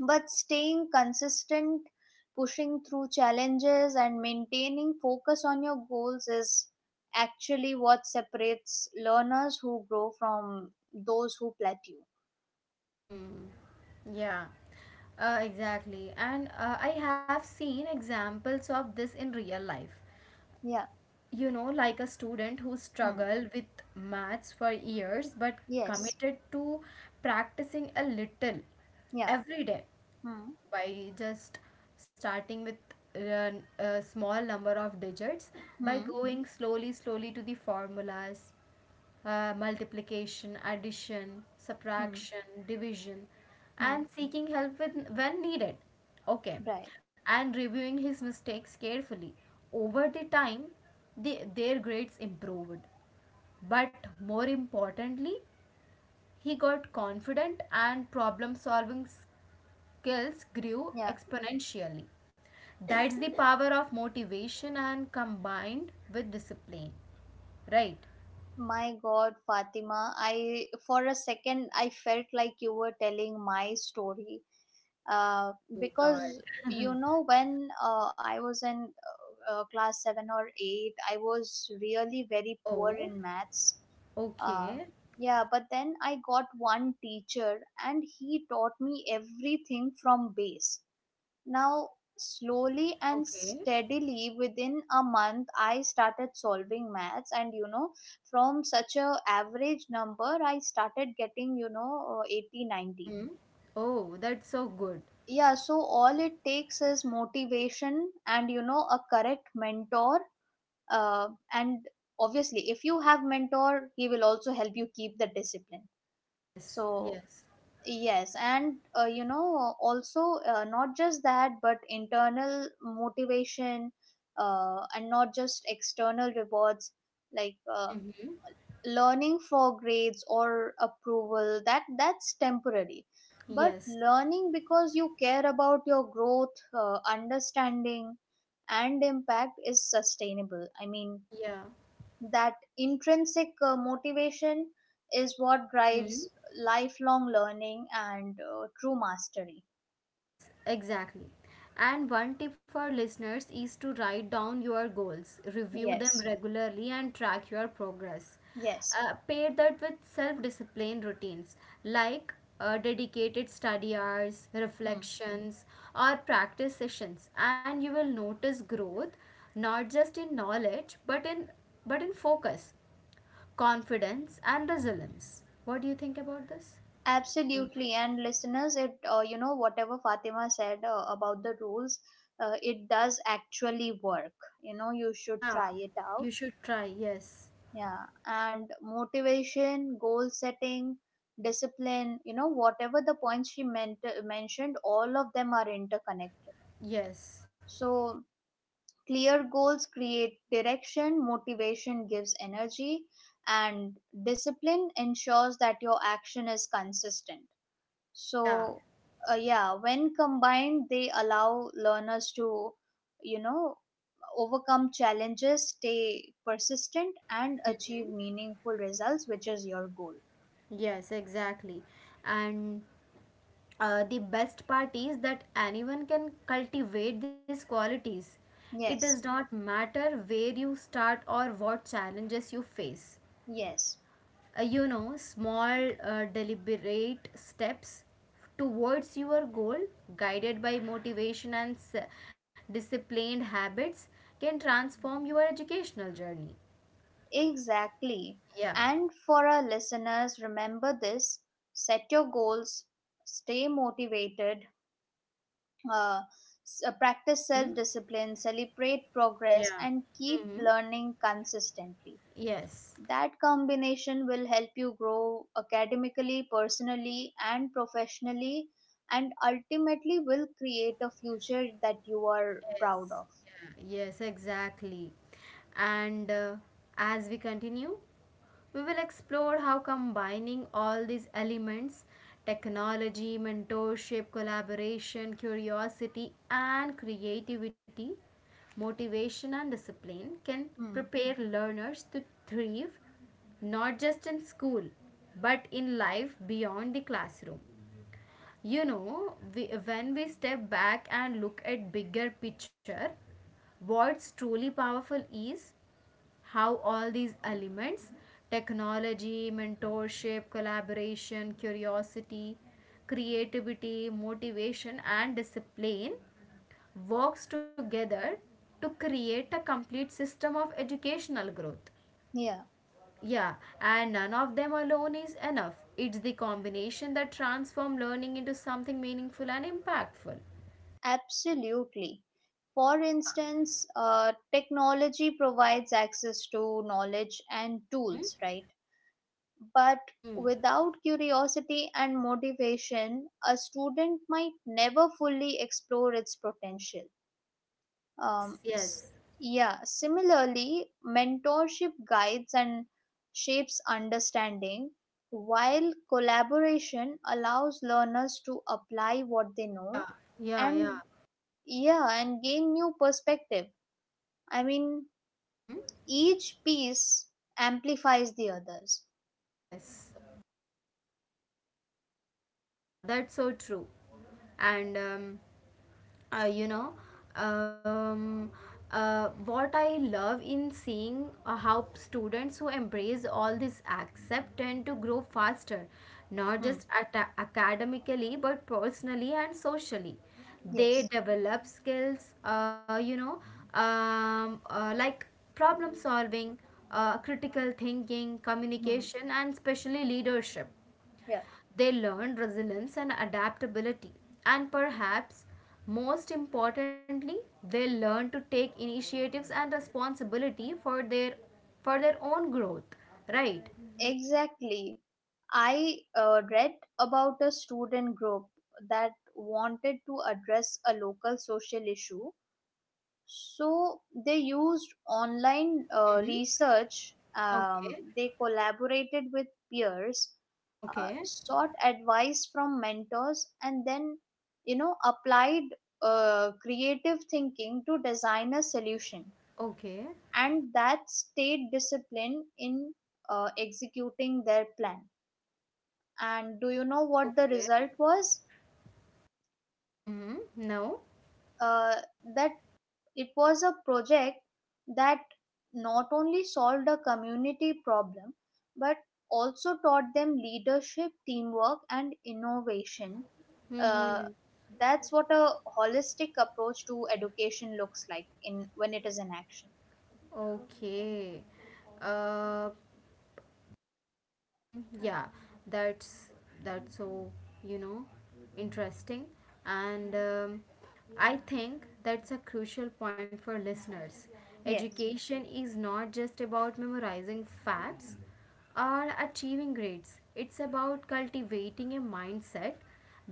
but staying consistent, pushing through challenges, and maintaining focus on your goals is actually what separates learners who grow from those who plateau. Hmm. Yeah. Uh, exactly, and uh, I have seen examples of this in real life. Yeah. You know, like a student who Hmm. struggled with maths for years but Yes. committed to practicing a little Yeah. every day, Hmm. by just starting with a, a small number of digits, by Hmm. going slowly, slowly to the formulas, uh, multiplication, addition, Hmm. subtraction, division, Hmm. and seeking help with when needed. Okay, Right. and reviewing his mistakes carefully. Over the time, the, their grades improved. But more importantly, he got confident and problem solving skills grew Yeah. exponentially. That's the power of motivation and combined with discipline. Right? My God, Fatima, I for a second I felt like you were telling my story. Uh, Oh god. because you know when uh, I was in uh, uh, class seven or eight, I was really very poor Oh, in maths. Uh, okay, yeah, but then I got one teacher and he taught me everything from base. Now, slowly and okay. steadily within a month, I started solving maths, and you know, from such a average number, I started getting you know uh, eighty ninety. Mm-hmm. Oh, that's so good. Yeah, so all it takes is motivation and, you know, a correct mentor. Uh, and obviously, if you have mentor, he will also help you keep the discipline. Yes, So, yes. yes, and uh, you know, also uh, not just that, but internal motivation, uh, and not just external rewards, like uh, Mm-hmm. learning for grades or approval, that that's temporary. But Yes, learning because you care about your growth, uh, understanding, and impact is sustainable. I mean, yeah. that intrinsic uh, motivation is what Mm-hmm. drives lifelong learning and uh, true mastery. Yes, exactly. And one tip for listeners is to write down your goals, review them Yes. regularly, and track your progress. Yes. Uh, pair that with self discipline routines like uh, dedicated study hours, Hmm. reflections, or practice sessions, and you will notice growth not just in knowledge but in but in focus, confidence and resilience. What do you think about this? Absolutely. And listeners, it uh, you know whatever Fatima said uh, about the rules, uh, it does actually work. you know you should Yeah, try it out. you should try, yes. Yeah. And motivation, goal setting, discipline, you know whatever the points she meant uh, mentioned, all of them are interconnected. Yes, So clear goals create direction, motivation gives energy, and discipline ensures that your action is consistent. yeah, So, uh, yeah, when combined, they allow learners to, you know, overcome challenges, stay persistent, and achieve meaningful results, which is your goal. yes, exactly. And uh, the best part is that anyone can cultivate these qualities. It does Yes, not matter where you start or what challenges you face. yes. Uh, you know, small, uh, deliberate steps towards your goal, guided by motivation and s- disciplined habits, can transform your educational journey. Exactly. Yeah. And for our listeners, remember this, set your goals, stay motivated, uh, s- uh, practice Hmm. self discipline, celebrate progress, Yeah. and keep Hmm. learning consistently. Yes. That combination will help you grow academically, personally, and professionally, and ultimately will create a future that you are Yes, proud of. yeah, yes, exactly. And uh, as we continue, we will explore how combining all these elements, technology, mentorship, collaboration, curiosity, and creativity, motivation, and discipline can Hmm. prepare learners to thrive not just in school but in life beyond the classroom. You know, we, when we step back and look at bigger picture, what's truly powerful is how all these elements, technology, mentorship, collaboration, curiosity, creativity, motivation and discipline works together to create a complete system of educational growth. Yeah, Yeah, and none of them alone is enough. It's the combination that transforms learning into something meaningful and impactful. absolutely. For instance, uh, technology provides access to knowledge and Mm-hmm. tools, right? But Mm-hmm. without curiosity and motivation, a student might never fully explore its potential. Yes, Um, s- yes. yeah, similarly, mentorship guides and shapes understanding, while collaboration allows learners to apply what they know Yeah, yeah, yeah. and, yeah, and gain new perspective. I mean, Mm-hmm. each piece amplifies the others. Yes. Yeah, that's so true. And um, uh, you know um, uh, what I love in seeing uh, how students who embrace all these accept tend to grow faster, not Hmm. just at- academically but personally and socially. They Yes. develop skills, uh, you know um, uh, like problem solving, uh, critical thinking, Hmm. communication and especially leadership. Yeah. They learn resilience and adaptability. And perhaps most importantly, they learn to take initiatives and responsibility for their for their own growth. Right? Exactly. I uh, read about a student group that wanted to address a local social issue. So they used online uh, Hmm. research, Okay. um, they collaborated with peers, uh, Okay. sought advice from mentors, and then, you know, applied uh, creative thinking to design a solution. Okay. And that stayed disciplined in uh, executing their plan. And do you know what the Okay. result was? Hmm. No. Uh, that It was a project that not only solved a community problem but also taught them leadership, teamwork, and innovation. Uh, Hmm. that's what a holistic approach to education looks like in when it is in action. Okay. Uh, mm, yeah, that's that's so you know interesting, and um, I think that's a crucial point for listeners. Yes, Education is not just about memorizing facts or achieving grades. It's about cultivating a mindset,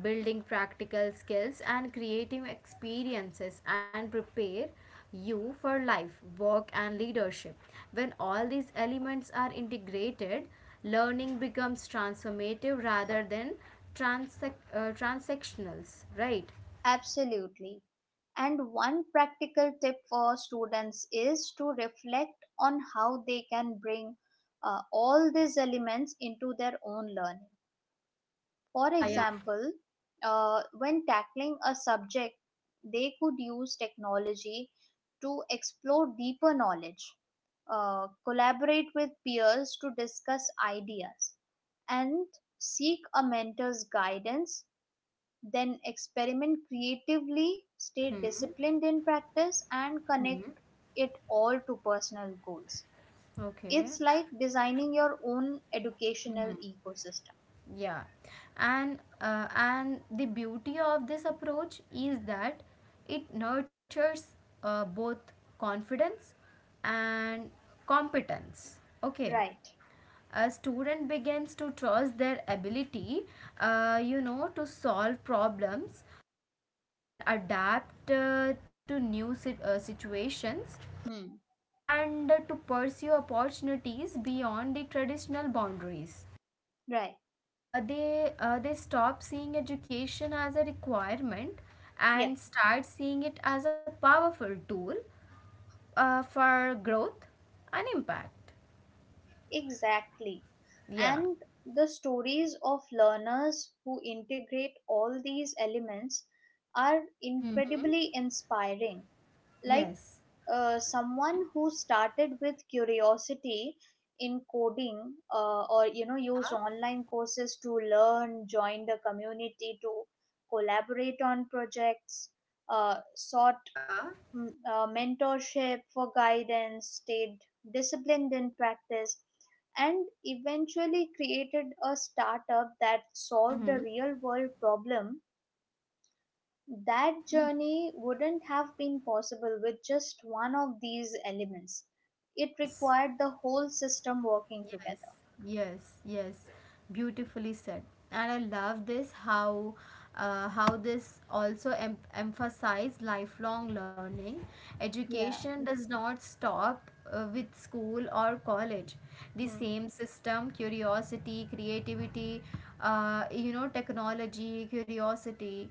building practical skills and creative experiences and prepare you for life, work, and leadership. When all these elements are integrated, learning becomes transformative rather than transac- uh, transactional, right? absolutely. And one practical tip for students is to reflect on how they can bring uh, all these elements into their own learning. For Yeah, yeah. example, uh, when tackling a subject, they could use technology to explore deeper knowledge, uh, collaborate with peers to discuss ideas, and seek a mentor's guidance, then experiment creatively, stay disciplined in practice, and connect it all to personal goals. Okay. It's like designing your own educational ecosystem. Yeah, and uh, and the beauty of this approach is that it nurtures uh, both confidence and competence. Okay, Right. a student begins to trust their ability, uh, you know, to solve problems and adapt uh, to new sit- uh, situations Hmm. and to pursue opportunities beyond the traditional boundaries. Right. Uh, they uh, they stop seeing education as a requirement Yeah. and start seeing it as a powerful tool uh, for growth and impact. Exactly. Yeah. And the stories of learners who integrate all these elements are Mhm. incredibly inspiring. Like Yes. uh, someone who started with curiosity in coding uh, or, you know, used online courses to learn, joined a community to collaborate on projects, uh, sought Yeah. m- uh, mentorship for guidance, stayed disciplined in practice, and eventually created a startup that solved Hmm. a real world problem. That journey wouldn't have been possible with just one of these elements. It Yes. required the whole system working Yes, together. yes, yes. Beautifully said. And I love this how uh, how this also em- emphasize lifelong learning. Yeah, Education does not stop uh, with school or college. The hmm, same system, curiosity, creativity, uh, you know, technology, curiosity,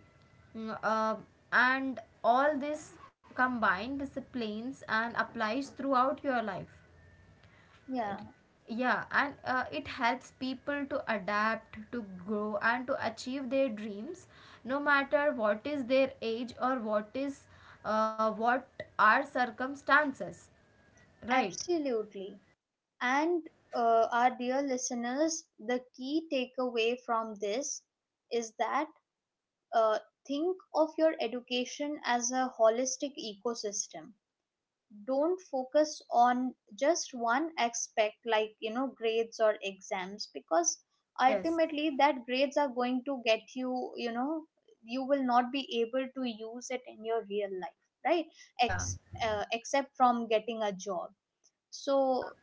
mm, uh, and all this combined disciplines and applies throughout your life, yeah, yeah, and uh, it helps people to adapt, to grow, and to achieve their dreams no matter what is their age or what is uh, what are circumstances, right? absolutely. And Yeah, uh, our dear listeners, the key takeaway from this is that, Uh, think of your education as a holistic ecosystem. Don't focus on just one aspect like, you know, grades or exams, because yes, ultimately that grades are going to get you, you know, you will not be able to use it in your real life, right? yeah, Ex- uh, Except from getting a job. yeah, So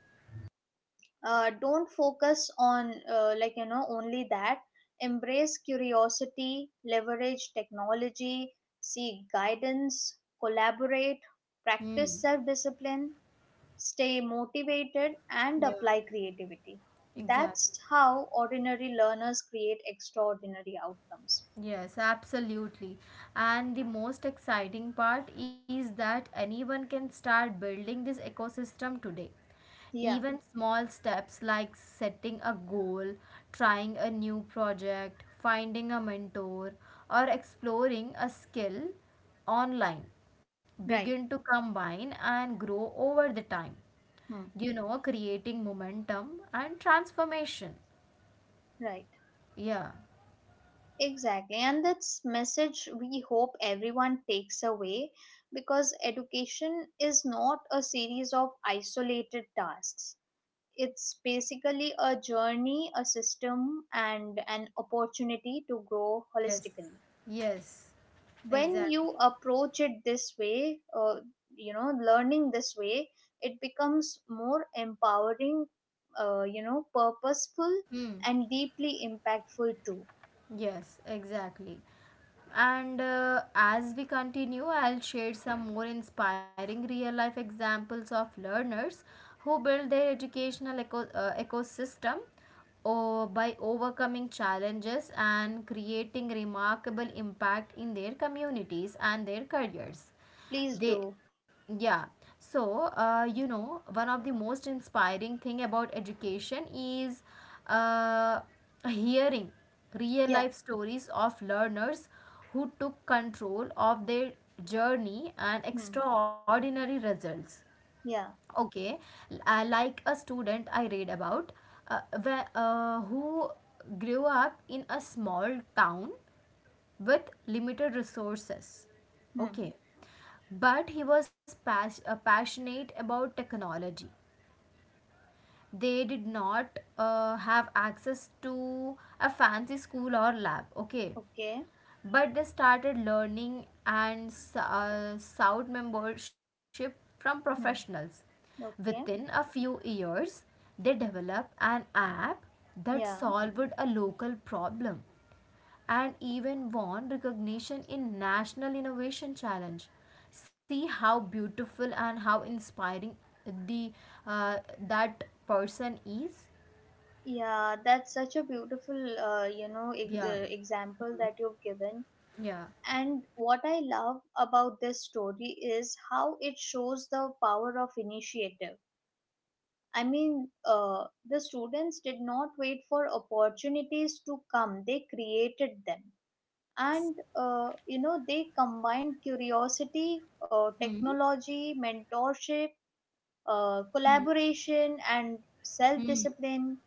uh, don't focus on uh, like, you know, only that. Embrace curiosity, leverage technology, seek guidance, collaborate, practice hmm. self discipline, stay motivated, and Yeah, apply creativity. exactly. That's how ordinary learners create extraordinary outcomes. Yes, absolutely. And the most exciting part is that anyone can start building this ecosystem today. Yeah. Even small steps like setting a goal, trying a new project, finding a mentor, or exploring a skill online begin Right. to combine and grow over the time. Hmm. You know, creating momentum and transformation. Right. Yeah. Exactly, and that's message we hope everyone takes away because education is not a series of isolated tasks. It's basically a journey, a system, and an opportunity to grow Yes, holistically. yes, When you exactly. approach it this way, uh, you know, learning this way, it becomes more empowering, uh, you know, purposeful, Hmm. and deeply impactful too. Yes, exactly. And uh, as we continue, I'll share some more inspiring real life examples of learners who build their educational eco- uh, ecosystem or by overcoming challenges and creating remarkable impact in their communities and their careers. Please They do. Yeah. So uh, you know, one of the most inspiring thing about education is uh, hearing real Yeah. life stories of learners who took control of their journey and Hmm. extraordinary results. Yeah. Okay. L- uh, like a student I read about, uh, where, uh, who grew up in a small town with limited resources. Hmm. Okay. But he was pas- uh, passionate about technology. They did not uh, have access to a fancy school or lab. Okay, Okay. but they started learning and uh, sought membership from Hmm. professionals. Within Okay. a few years, they developed an app that Yeah. solved a local problem and even won recognition in National Innovation Challenge. See how beautiful and how inspiring the uh, that person is. Yeah. That's such a beautiful, uh, you know, e- Yeah, uh, example that you've given. yeah, And what I love about this story is how it shows the power of initiative. I mean, uh, the students did not wait for opportunities to come, they created them. yes, And, uh, you know, they combined curiosity, uh, hmm. technology, mentorship, uh, Hmm. collaboration and self Hmm. discipline,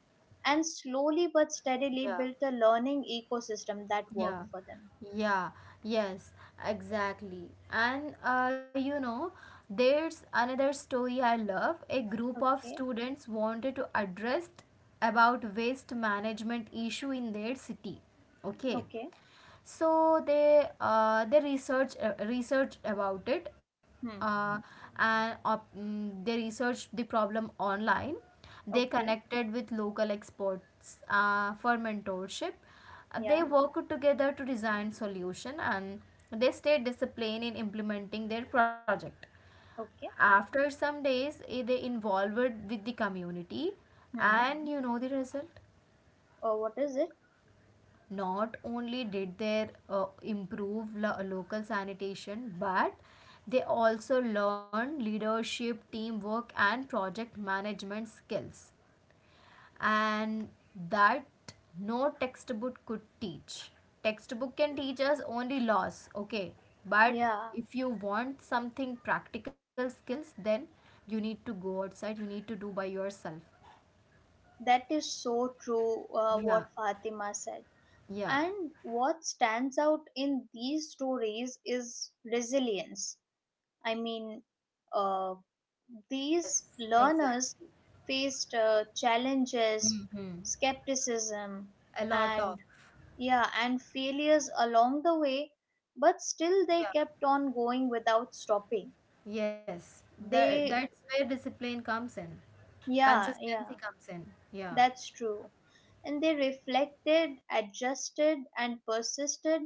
and slowly but steadily Yeah. built a learning ecosystem that worked Yeah, for them. yeah, yes, exactly. And uh, you know, there's another story I love. A group of Okay. students wanted to address about waste management issue in their city. Okay. Okay. So they uh, they research uh, research about it, Hmm. uh, and op- mm, they researched the problem online. They Okay. connected with local experts uh, for mentorship. Uh, they Yeah. worked together to design solution and they stayed disciplined in implementing their project. Okay. After some days, eh, they involved with the community, Hmm. and you know the result? Or what is it? Not only did they uh, improve lo- local sanitation, but they also learned leadership, teamwork, and project management skills and that no textbook could teach. Textbook can teach us only laws, okay, but Yeah. if you want something practical skills, then you need to go outside, you need to do by yourself. That is so true, uh, Yeah, what Fatima said. yeah, And what stands out in these stories is resilience. I mean, uh, yes, these exactly. learners faced uh, challenges, skepticism, A lot and, of. yeah, and failures along the way, but still they Yeah. kept on going without stopping. Yes, that They, that's where discipline comes in. yeah, yeah, Consistency comes in. Yeah. that's true. And they reflected, adjusted, and persisted.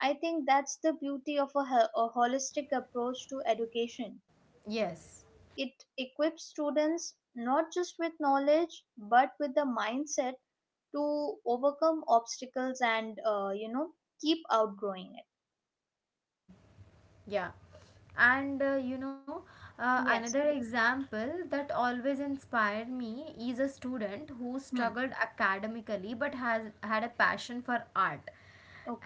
I think that's the beauty of a, ho- a holistic approach to education. Yes. It equips students not just with knowledge but with the mindset to overcome obstacles and, uh, you know keep outgrowing it. Yeah. And uh, you know, uh, another Yes. example that always inspired me is a student who Hmm. struggled academically but has had a passion for art.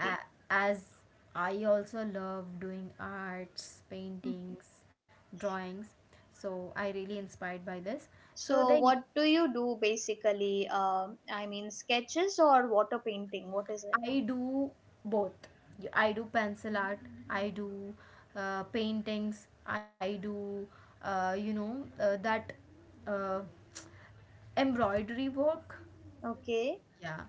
A as I also love doing arts, Hmm. paintings, drawings. So I really inspired by this. So So, they. what do you do basically? Um, I mean, sketches or water painting? What is it? I do both. Y- I do pencil art, I do uh, paintings, I do, uh, you know, uh, that uh, embroidery work. Okay, Yeah.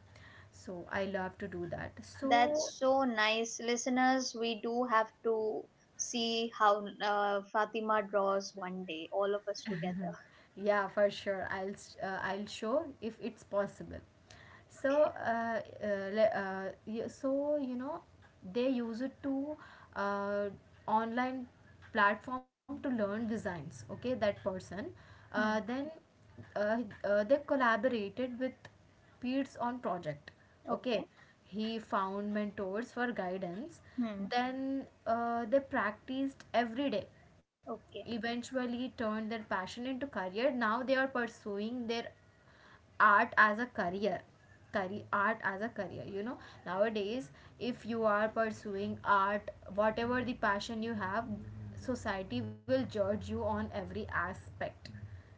So I love to do that. that's So so nice, listeners. We do have to see how uh, Fatima draws one day, all of us together. yeah, for sure, i'll s- uh, I'll show if it's possible. so Okay. uh, uh, le- uh, y- so you know, they use it to, uh, online platform to learn designs. Okay, that person uh, Hmm. then uh, uh, they collaborated with peers on project. Okay. Okay. He found mentors for guidance. Hmm. Then uh, they practiced every day, Okay. eventually turned their passion into career. Now they are pursuing their art as a career. Career art as a career you know, nowadays if you are pursuing art, whatever the passion you have, society will judge you on every aspect,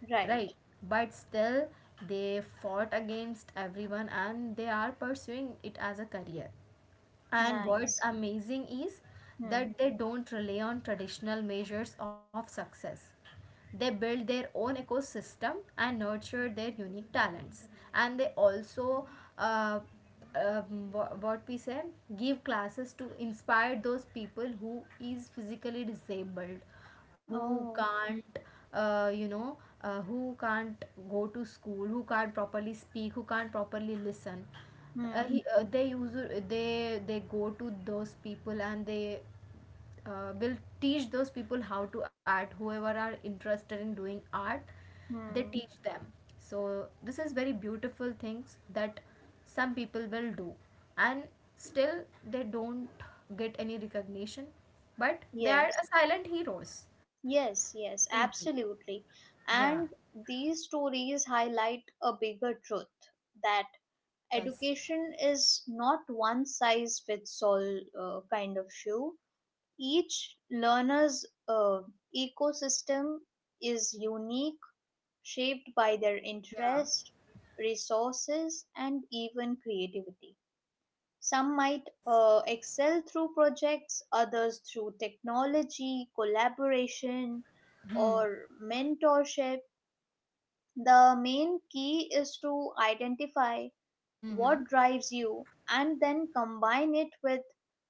Right. right? But still, they fought against everyone and they are pursuing it as a career. And what's Nice. amazing is Hmm. that they don't rely on traditional measures of success. They build their own ecosystem and nurture their unique talents. And they also, uh, um, wha- what we say, give classes to inspire those people who is physically disabled, who Oh. can't, uh, you know, uh, who can't go to school, who can't properly speak, who can't properly listen. uh, Hmm. he, uh, they use uh, they they go to those people and they uh, will teach those people how to art, whoever are interested in doing art. They Hmm. teach them. So this is very beautiful things that some people will do, and still they don't get any recognition, but they are Yes. a silent heroes. Yes. Yes. Simply. Absolutely. Yeah, And these stories highlight a bigger truth that yes, education is not one size fits all uh, kind of shoe. Each learner's uh, ecosystem is unique, shaped by their yeah, interest, resources, and even creativity. Some might yes, uh, excel through projects, others through technology, collaboration, or mentorship. The main key is to identify what mm-hmm. drives you and then combine it with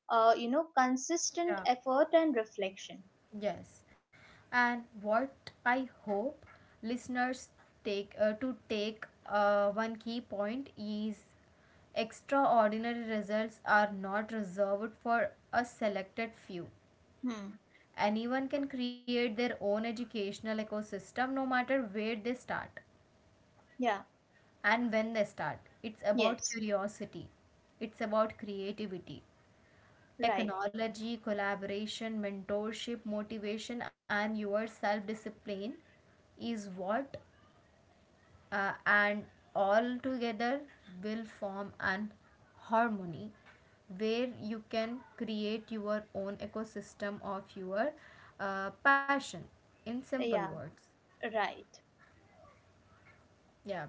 uh, you know consistent effort and reflection. Yes, and what I hope listeners take uh, to take uh, one key point is extraordinary results are not reserved for a selected few. Hmm. Anyone can create their own educational ecosystem, no matter where they start Yeah. and when they start. It's about Yes. curiosity, it's about creativity, Right. technology, collaboration, mentorship, motivation, and your self discipline is what, uh, and all together will form an harmony where you can create your own ecosystem of your uh, passion, in simple Yeah. words. Right. Yeah.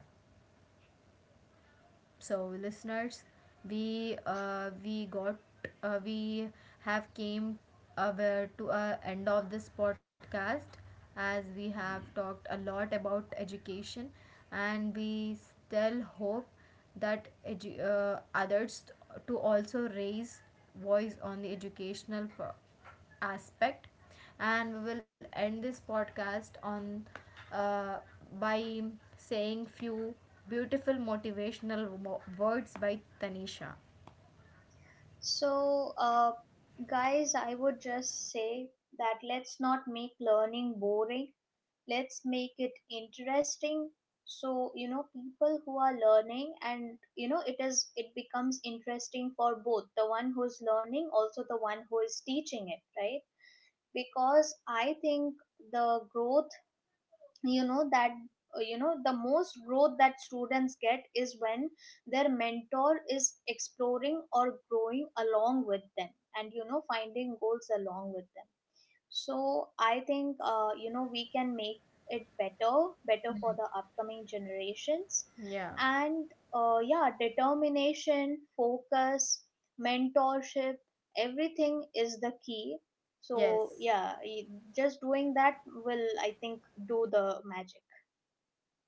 So listeners, we uh, we got uh, we have came aware to a end of this podcast, as we have talked a lot about education, and we still hope that edu- uh, others to also raise voice on the educational pro- aspect. And we will end this podcast on, uh, by saying few beautiful motivational wo- words by Tanisha. So, uh, guys, I would just say that, let's not make learning boring, let's make it interesting, so you know people who are learning, and you know it is, it becomes interesting for both the one who's learning also the one who is teaching it, right? Because I think the growth, you know, that uh, you know the most growth that students get is when their mentor is exploring or growing along with them, and you know finding goals along with them. So I think, Yes. uh, you know we can make it better, better for the upcoming generations, Yeah, and uh, yeah, determination, focus, mentorship, everything is the key. So yes. yeah, y- just doing that will, I think, do the magic.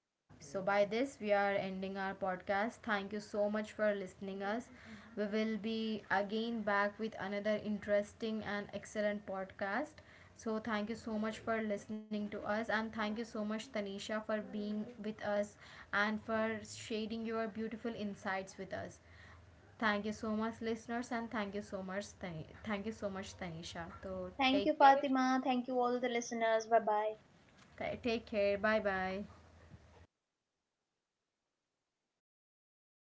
Yeah, so by this we are ending our podcast. Thank you so much for listening us. We will be again back with another interesting and excellent podcast. So thank you so much for listening to us and thank you so much Tanisha for being with us and for sharing your beautiful insights with us. Thank you so much listeners and thank you so much Tani- thank you so much Tanisha. So Thank you, take care. Fatima. Thank you, all the listeners. Bye bye. Ta- Take care. Bye bye.